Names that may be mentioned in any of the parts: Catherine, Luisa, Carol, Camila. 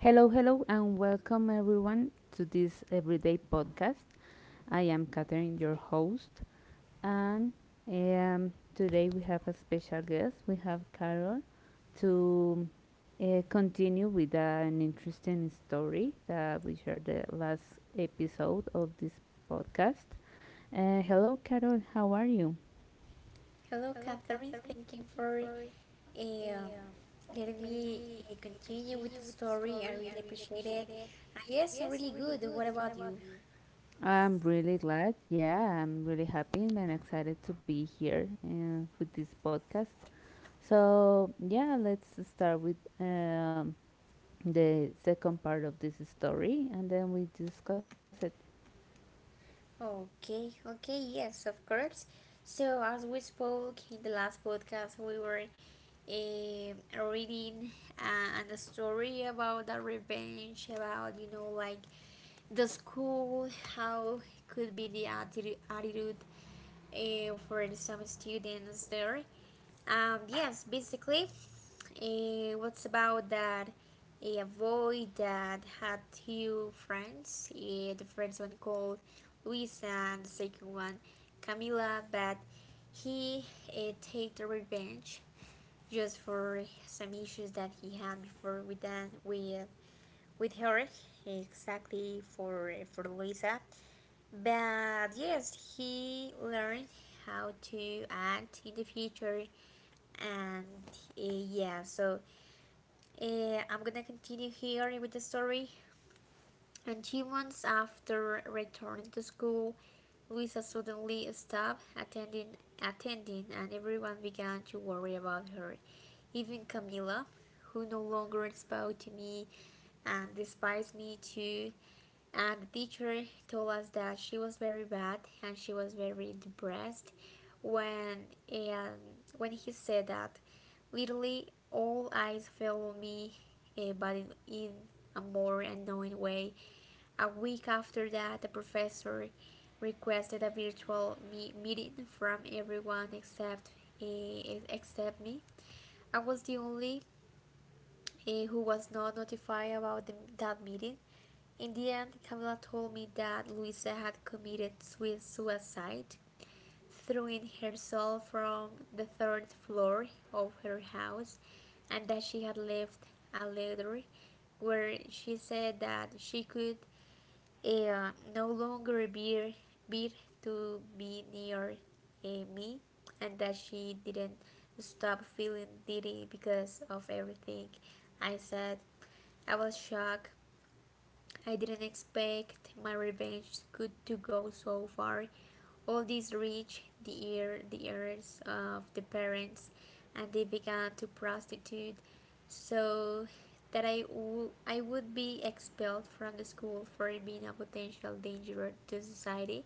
Hello, hello, and welcome everyone to this everyday podcast. I am Catherine, your host, and today we have a special guest. We have Carol to continue with an interesting story that we shared the last episode of this podcast. Hello, Carol, how are you? Hello, Catherine. Thank you for um, letting me continue with the story. I really appreciate it. Yes, I'm really good. What about you? I'm really glad. Yeah, I'm really happy and excited to be here with this podcast. So, yeah, let's start with the second part of this story and then we discuss it. Okay, okay, yes, of course. So, as we spoke in the last podcast, we were eh, reading a story about the revenge, about, you know, like the school, how could be the attitude for some students there. Yes, basically, what's about that? A boy that had two friends. The first one called Luisa and the second one Camila, but he take the revenge just for some issues that he had before with that with her, exactly for Luisa. But yes, he learned how to act in the future, and yeah. So I'm gonna continue here with the story. And 2 months after returning to school, Luisa suddenly stopped attending, and everyone began to worry about her. Even Camila, who no longer spoke to me and despised me too. And the teacher told us that she was very bad and she was very depressed when, and when he said that, literally all eyes fell on me, but in a more annoying way. A week after that, the professor requested a virtual meeting from everyone except except me. I was the only who was not notified about that meeting. In the end, Camila told me that Luisa had committed suicide, throwing herself from the third floor of her house, and that she had left a letter where she said that she could no longer appear to be near me, and that she didn't stop feeling dizzy because of everything I said. I was shocked. I didn't expect my revenge could to go so far. All this reached the ears of the parents, and they began to prostitute, so that I I would be expelled from the school for being a potential danger to society.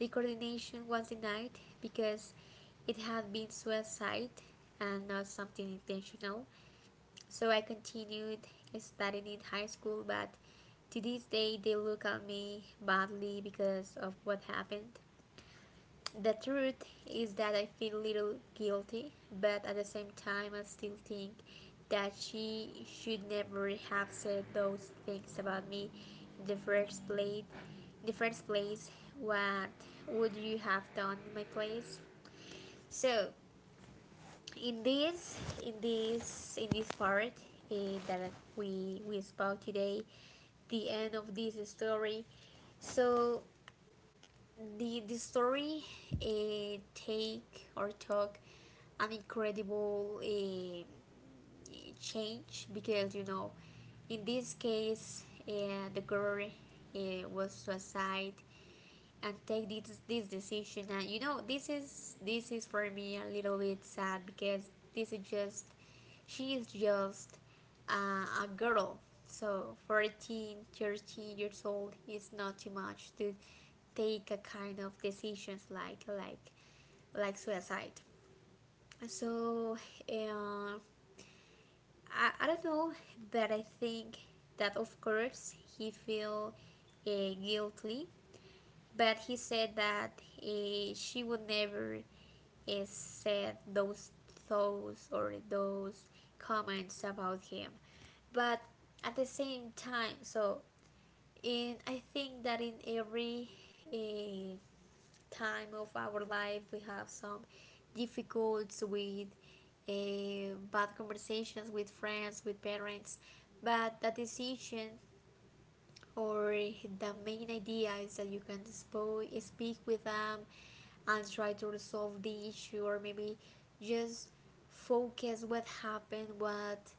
The coordination was denied because it had been suicide and not something intentional. So I continued studying in high school, but to this day they look at me badly because of what happened. The truth is that I feel a little guilty, but at the same time I still think that she should never have said those things about me in the first place. In the first place, what would you have done in my place? So, in this in this part that we spoke today, the end of this story, so the story take or took an incredible change, because you know, in this case, the girl was suicide and take this decision. And you know, this is for me a little bit sad, because this is just, she is just a girl. So 14, 13 years old is not too much to take a kind of decisions like suicide. So uh, I don't know, but I think that of course he feel guilty, but he said that she would never said those thoughts or those comments about him. But at the same time, so in I think that in every uh, time of our life we have some difficulties with bad conversations, with friends, with parents, but the decision or the main idea is that you can speak with them and try to resolve the issue, or maybe just focus what happened, what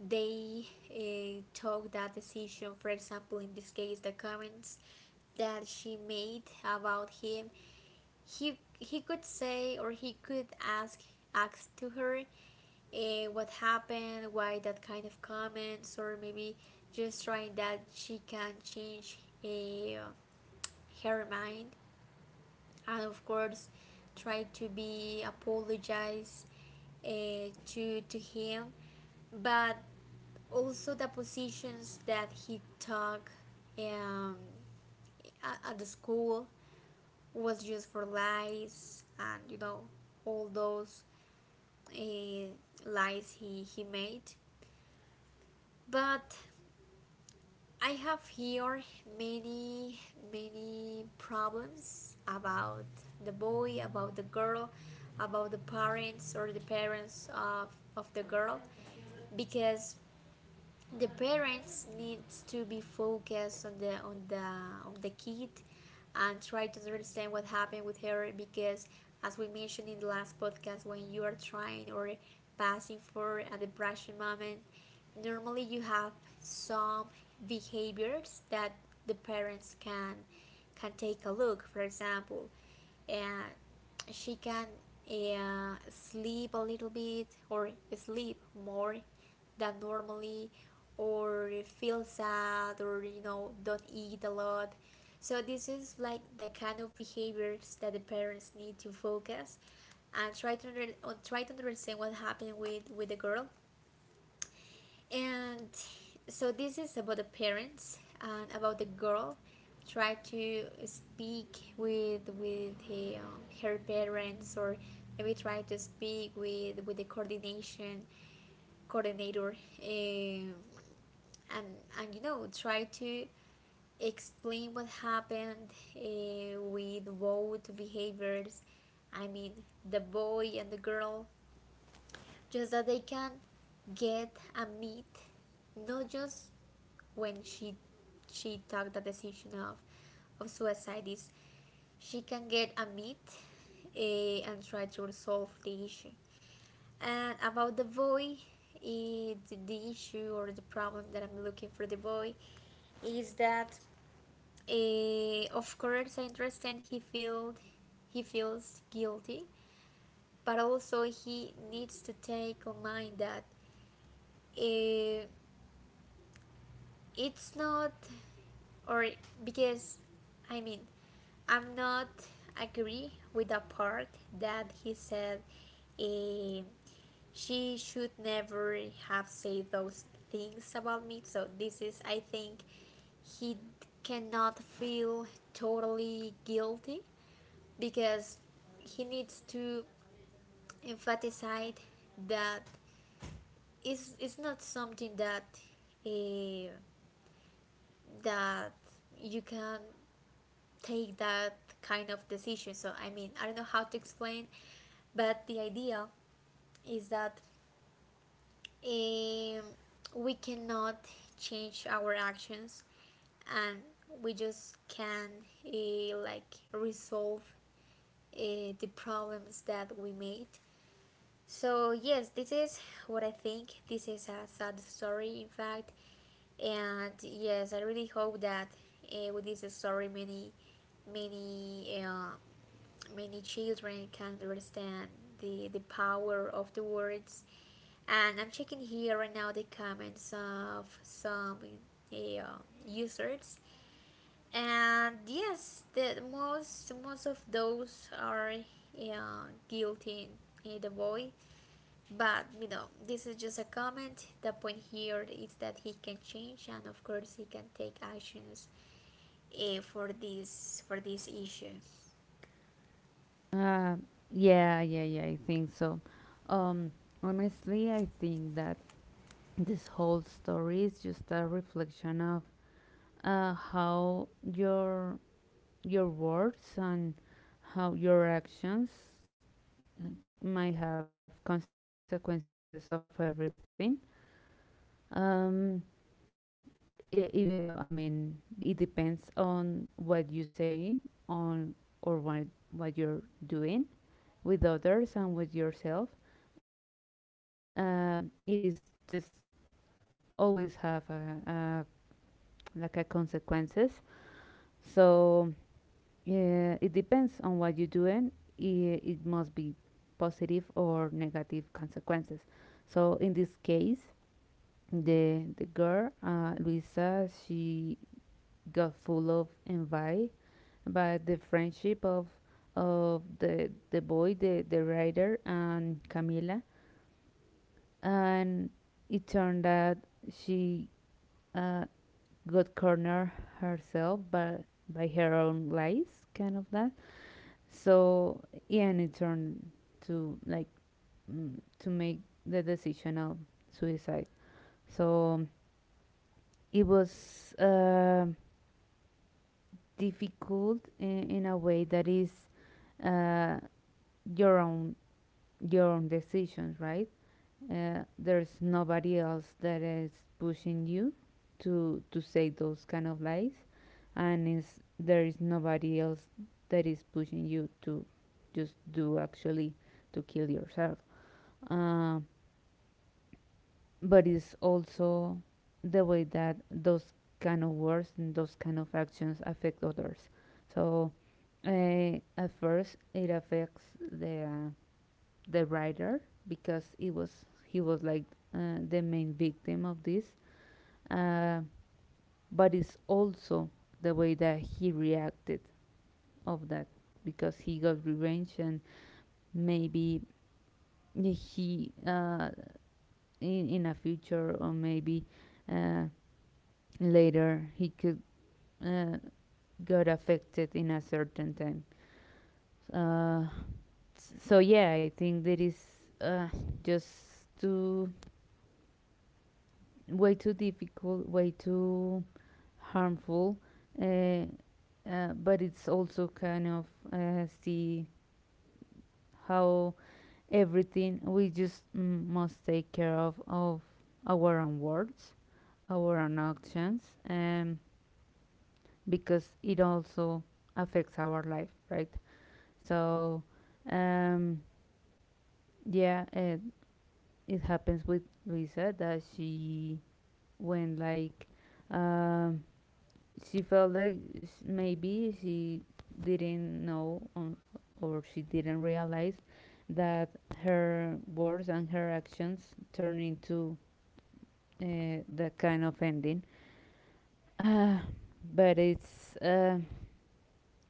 they took that decision. For example, in this case, the comments that she made about him, he could say, or he could ask to her what happened, why that kind of comments, or maybe just trying that she can change uh, her mind, and of course try to be apologize uh, to him. But also the positions that he took um, at the school was just for lies, and you know, all those uh, lies he made. But I have here many many problems about the boy, about the girl, about the parents or the parents of the girl, because the parents needs to be focused on the on the kid, and try to understand what happened with her, because as we mentioned in the last podcast, when you are trying or passing for a depression moment, normally you have some behaviors that the parents can take a look, for example. And she can sleep a little bit, or sleep more than normally, or feel sad, or you know, don't eat a lot. So this is like the kind of behaviors that the parents need to focus, and try to try to understand what happened with the girl. And so this is about the parents and about the girl. Try to speak with her her parents, or maybe try to speak with the coordination coordinator, um, and you know try to explain what happened with both behaviors, I mean the boy and the girl, just that they can get a meet, not just when she took the decision of suicide. Is she can get a meet, and try to resolve the issue. And about the boy, the issue or the problem that I'm looking for the boy is that, of course, I understand he feels guilty, but also he needs to take on mind that eh, it's not, or because, I mean, I'm not agree with the part that he said, eh, she should never have said those things about me. So this is, I think, he cannot feel totally guilty, because he needs to emphasize that it's not something that eh, that you can take that kind of decision. So I mean, I don't know how to explain, but the idea is that um, we cannot change our actions, and we just can like resolve the problems that we made. So yes, this is what I think. This is a sad story, in fact, and yes, I really hope that with this story, many um, many children can understand the power of the words. And I'm checking here right now the comments of some eh, uh, users, and yes, the most of those are guilty the boy. But you know, this is just a comment. The point here is that he can change, and of course he can take actions for this issue. Uh, yeah, yeah, yeah, I think so. Um, Honestly, I think that this whole story is just a reflection of how your words and how your actions might have consequences of everything. Um, Even though I mean it depends on what you say on or what you're doing with others and with yourself. It is just always have a like a consequences. So yeah, it depends on what you're doing. It must be positive or negative consequences. So in this case, the girl Luisa, she got full of envy by the friendship of of the boy, the writer, and Camila, and it turned out she uh, got cornered herself by her own lies, kind of that. So yeah, and it turned to like to make the decision of suicide. So it was difficult in a way that is uh, your own decisions, right? There's nobody else that is pushing you to say those kind of lies, and is there is nobody else that is pushing you to just do actually to kill yourself. Um, but it's also the way that those kind of words and those kind of actions affect others. So at first, it affects the writer because it was he was like the main victim of this, uh, but it's also the way that he reacted of that because he got revenge and maybe he in in a future, or maybe uh, Later, he could uh, got affected in a certain time. Uh, so yeah, I think there is uh, just too way too difficult, way too harmful. Uh, but it's also kind of see how everything we just must take care of our own words, our own actions, um, because it also affects our life, right? So, um, yeah, it happens with Luisa that she when like um, she felt like maybe she didn't know on, or she didn't realize that her words and her actions turn into that kind of ending. Uh, but it's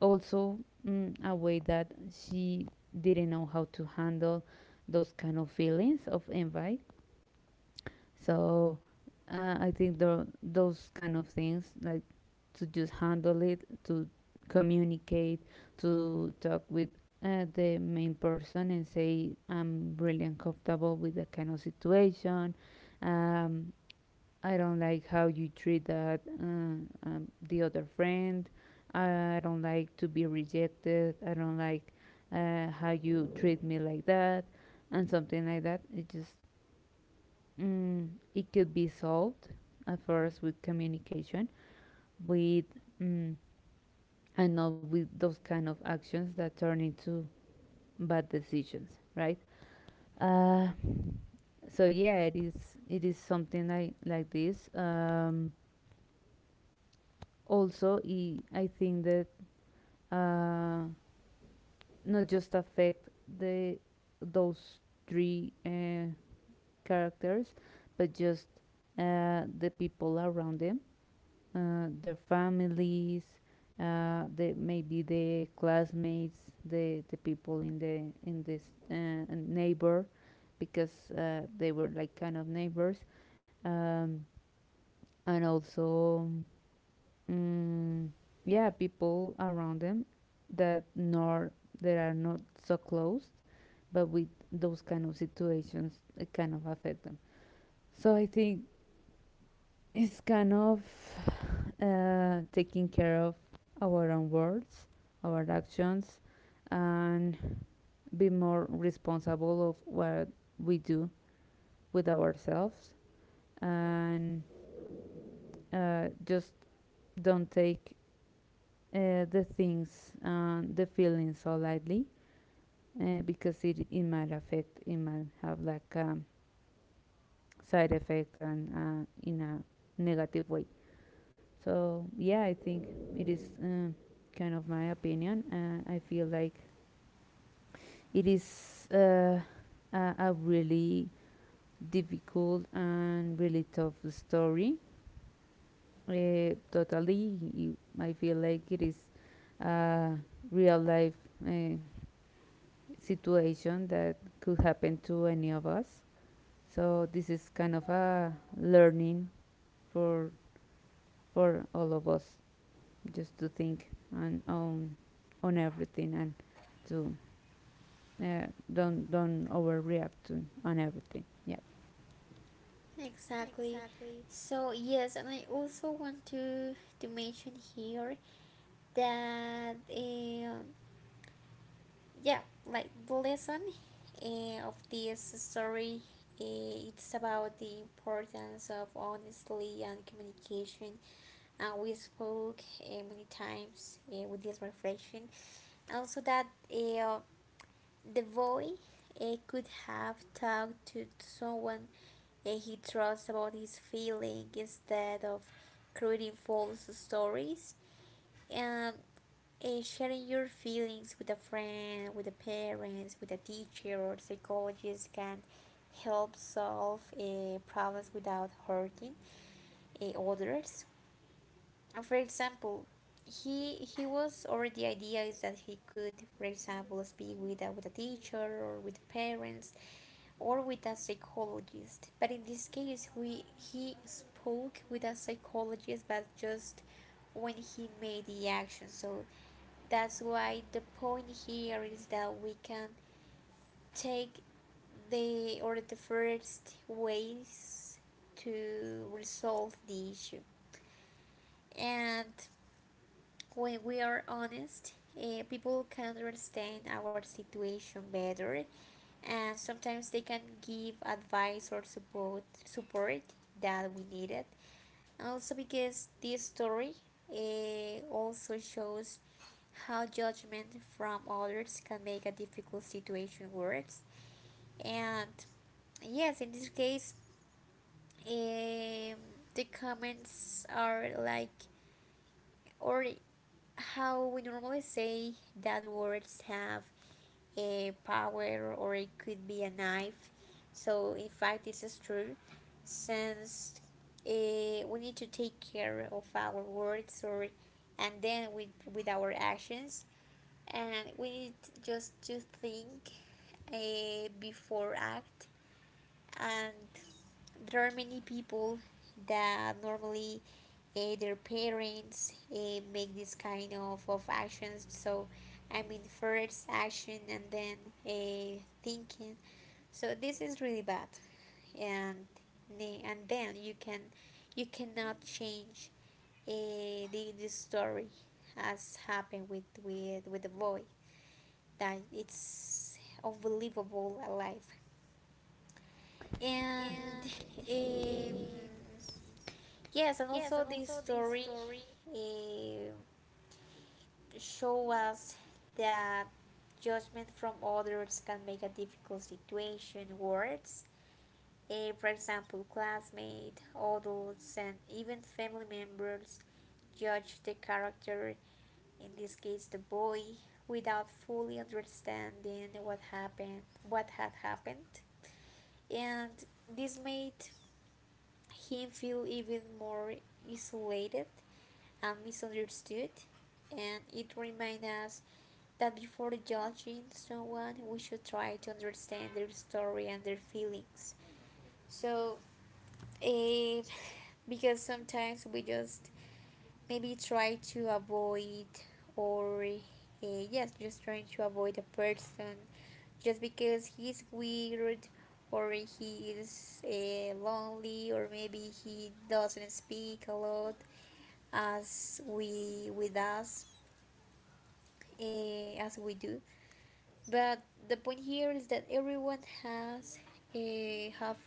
also a way that she didn't know how to handle those kind of feelings of envy. So I think those kind of things, like to just handle it, to communicate, to talk with the main person and say, I'm really uncomfortable with that kind of situation. Um, I don't like how you treat that the other friend. I don't like to be rejected. I don't like how you treat me like that, and something like that. It just mm, it could be solved at first with communication, with mm, and not with those kind of actions that turn into bad decisions, right? Uh, so yeah, it is something like this. Also, I think that uh, not just affect the those three characters, but just the people around them, their families, the maybe the classmates, the people in the in this uh, neighbor, because they were like kind of neighbors, um, and also mm, yeah, people around them that nor that are not so close but with those kind of situations it kind of affect them, so I think it's kind of taking care of our own words, our actions, and be more responsible of what we do with ourselves and just don't take the things and the feelings so lightly because it might affect, it might have like a side effect and in a negative way. So yeah, I think it is kind of my opinion. I feel like it is a really difficult and really tough story. Totally, I feel like it is a real life uh, situation that could happen to any of us. So this is kind of a learning for for all of us, just to think and on everything and to uh, don't overreact to on everything. Yeah, Exactly. So yes, and I also want to mention here that yeah, like the lesson of this story, it's about the importance of honesty and communication. We spoke many times with this reflection, also that uh, the boy could have talked to someone he trusts about his feelings, instead of creating false stories, and sharing your feelings with a friend, with the parents, with a teacher or psychologist can help solve problems without hurting others. And for example, he was, or the idea is that he could, for example, speak with with a teacher, or with parents, or with a psychologist. But in this case, we, he spoke with a psychologist, but just when he made the action. So that's why the point here is that we can take the or the first ways to resolve the issue. And when we are honest, people can understand our situation better, and sometimes they can give advice or support that we needed. And also because this story also shows how judgment from others can make a difficult situation worse. And yes, in this case, um, the comments are like, or how we normally say, that words have a power, or it could be a knife. So in fact, this is true, since we need to take care of our words, or and then with our actions, and we need just to think before act. And there are many people that normally their parents make this kind of actions, so I mean, first action and then thinking. So this is really bad. And and then you can, you cannot change uh, the story, as happened with with the boy, that it's unbelievable alive. And um, yes, and also this story eh, show us that judgment from others can make a difficult situation worse. For example, classmates, adults, and even family members judge the character, in this case the boy, without fully understanding what happened, what had happened, and this made him feel even more isolated and misunderstood, and it reminds us that before judging someone, we should try to understand their story and their feelings. So, eh, because sometimes we just maybe try to avoid, or yes, just trying to avoid a person just because he's weird, or he is lonely, or maybe he doesn't speak a lot as we with us, as we do. But the point here is that everyone have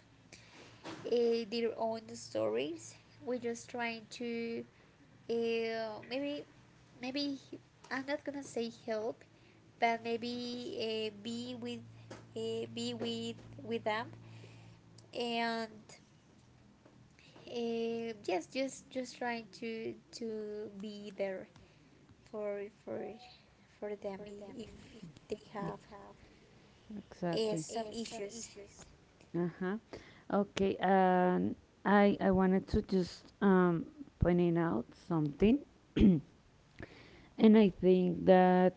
their own stories. We're just trying to maybe maybe I'm not gonna say help, but maybe be with them, and yes, just trying to be there for for for them, I- if they mm, have exactly. some issues. Uh-huh. Okay, and I wanted to just pointing out something, and I think that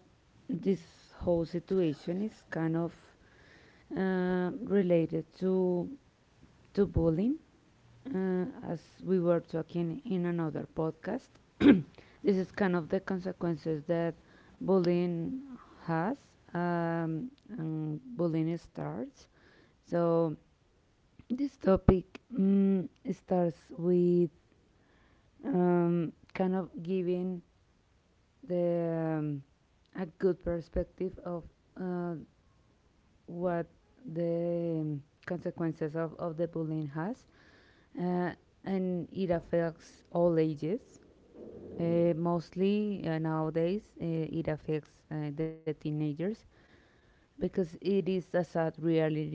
this whole situation is kind of related to bullying as we were talking in another podcast, this is kind of the consequences that bullying has, um, and bullying starts. So this topic starts with kind of giving the a good perspective of uh, what the consequences of the bullying has, uh, and it affects all ages. Mostly nowadays, it affects the teenagers because it is a sad reality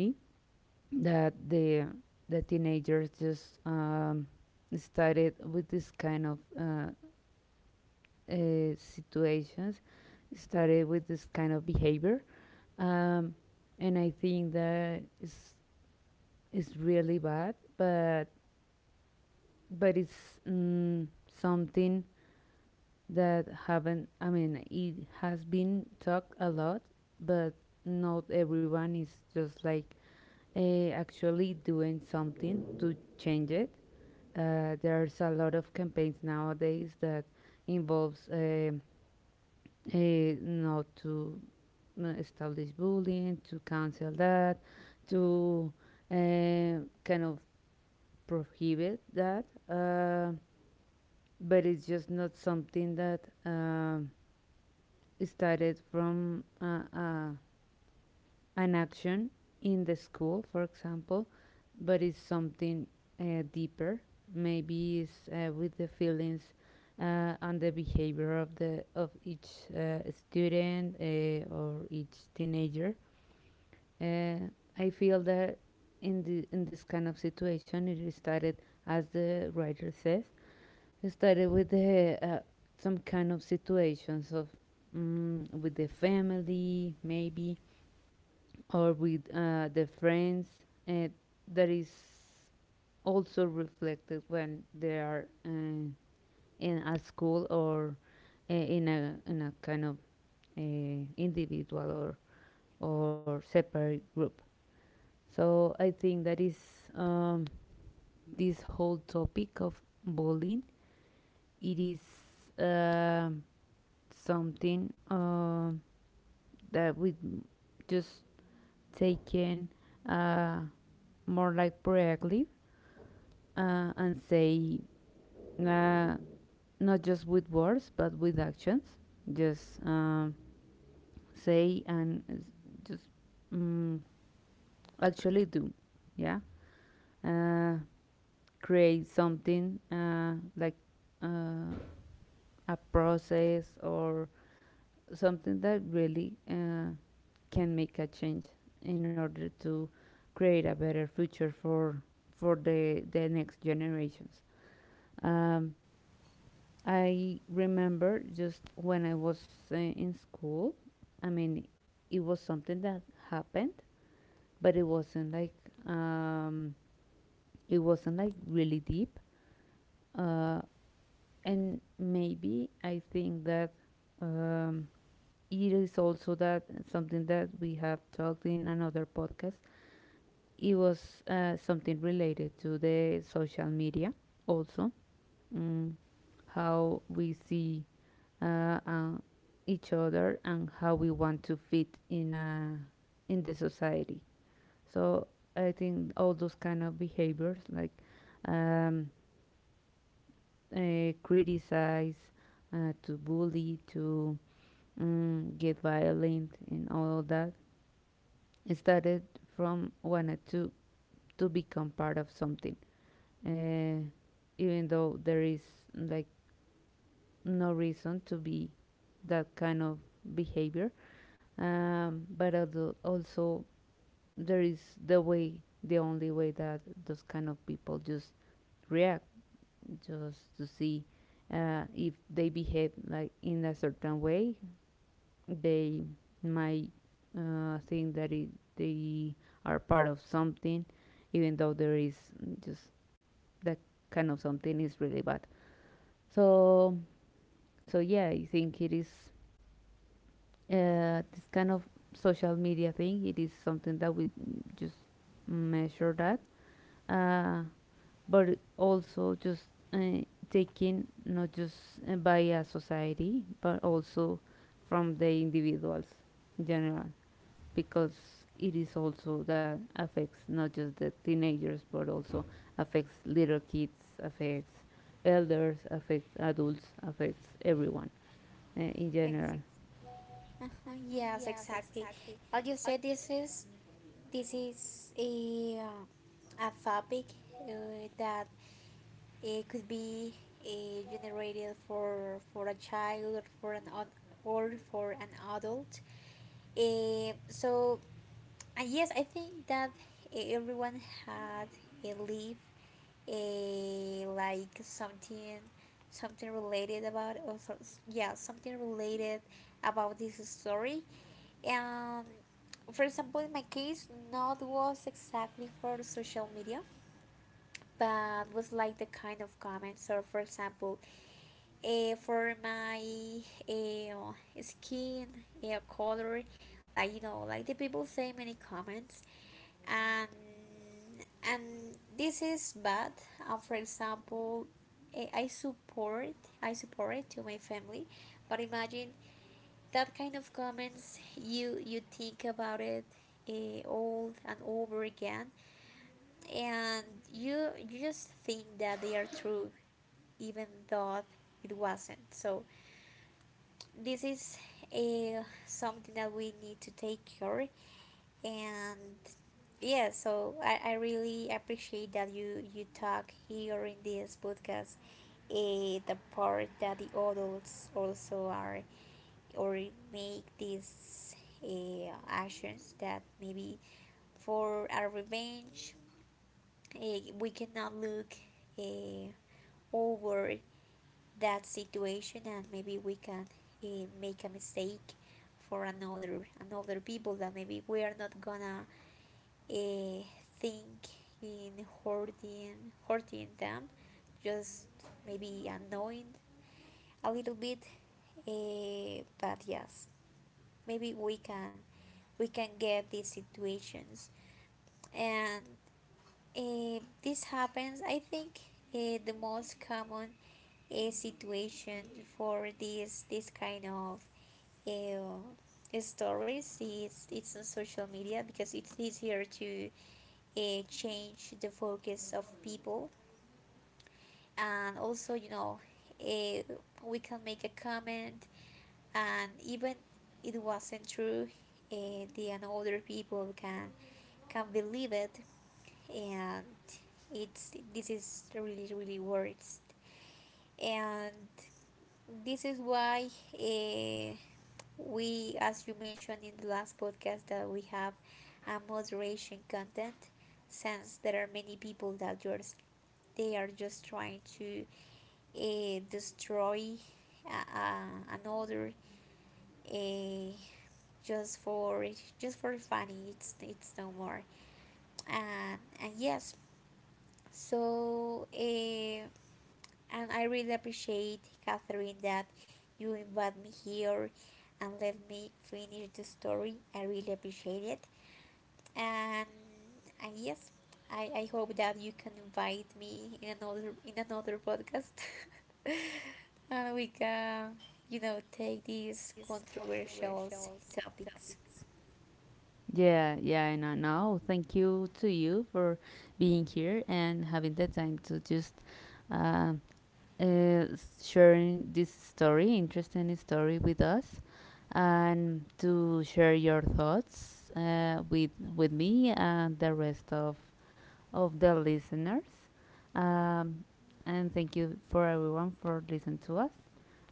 that the teenagers just started with this kind of situations, started with this kind of behavior, um, and I think that is really bad. But it's something that haven't I mean it has been talked a lot, but not everyone is just like actually doing something to change it. Uh, there's a lot of campaigns nowadays that involves uh, not to establish bullying, to cancel that, to uh, kind of prohibit that, but it's just not something that started from an action in the school, for example, but it's something deeper. Maybe it's with the feelings and the behavior of the of each student or each teenager. Uh, I feel that in this kind of situation, it started as the writer says, it started with the, some kind of situations of with the family, maybe, or with the friends. Uh, that is also reflected when they are in a school or in a kind of individual or separate group. So I think that is um, this whole topic of bullying. It is um something that we just take in uh, more like proactive and say uh, not just with words but with actions, just say and just mm, actually do, yeah, uh, create something like a process or something that really can make a change in order to create a better future for the next generations. Um, I remember just when I was in school. I mean, it was something that happened, but um, it wasn't like really deep. Uh, and maybe I think that um, it is also that something that we have talked in another podcast, it was something related to the social media, also mm, how we see uh, uh, each other and how we want to fit in a in the society. So I think all those kind of behaviors, like um, criticize, to bully, to get violent and all that, started from wanted to become part of something, uh, even though there is like no reason to be that kind of behavior. But also, there is the way, the only way that those kind of people just react, just to see if they behave like in a certain way, they might think that they are part of something, even though there is just that kind of something is really bad. So, so yeah, I think it is this kind of social media thing. It is something that we just measure that, uh, but also just uh, taken not just by a society, but also from the individuals in general, because it is also that affects not just the teenagers but also affects little kids, affects elders, affects adults, affects everyone in Ex- general. uh-huh, yes, exactly. I'll just say this is a topic that it could be generated for a child, or for an or for an adult. Uh, so And yes, I think that everyone had a live a like something something related yeah, something related about this story. And for example, in my case, not was exactly for the social media, but was like the kind of comments, or for example for my uh, skin color. Like, you know, like the people say many comments, and and this is bad. For example, I support it to my family, but imagine that kind of comments, you think about it all and over again, and you just think that they are true, even though it wasn't so. This is something that we need to take care. And yeah, so I really appreciate that you talk here in this podcast. The part that the adults also are, or make these actions that maybe for our revenge we cannot look uh, over that situation, and maybe we can uh, make a mistake for another people, that maybe we are not gonna eh, think in hurting them, just maybe annoying a little bit. But yes, maybe we can get these situations, and this happens. I think the most common situation for this kind of eh, stories is it's on social media, because it's easier to change the focus of people. And also, you know, uh, we can make a comment, and even it wasn't true, then other people can believe it. And it's, this is really really worst. And this is why uh, we, as you mentioned in the last podcast, that we have a moderation content, since there are many people that you're they are just trying to destroy another, uh, just for just for funny. It's no more. And yes. So and I really appreciate, Catherine, that you invite me here and let me finish the story. I really appreciate it. And yes, I hope that you can invite me in another podcast and we can, you know, take these controversial topics. Yeah, yeah, and now thank you to you for being here and having the time to just uh, uh, sharing this story, interesting story with us, and to share your thoughts with me and the rest of the listeners. Um, and thank you for everyone for listening to us.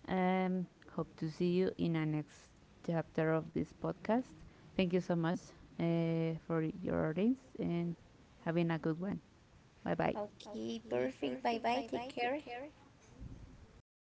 Um, hope to see you in our next chapter of this podcast. Thank you so much for your audience and having a good one. Bye bye. Okay, perfect. Bye bye, take care.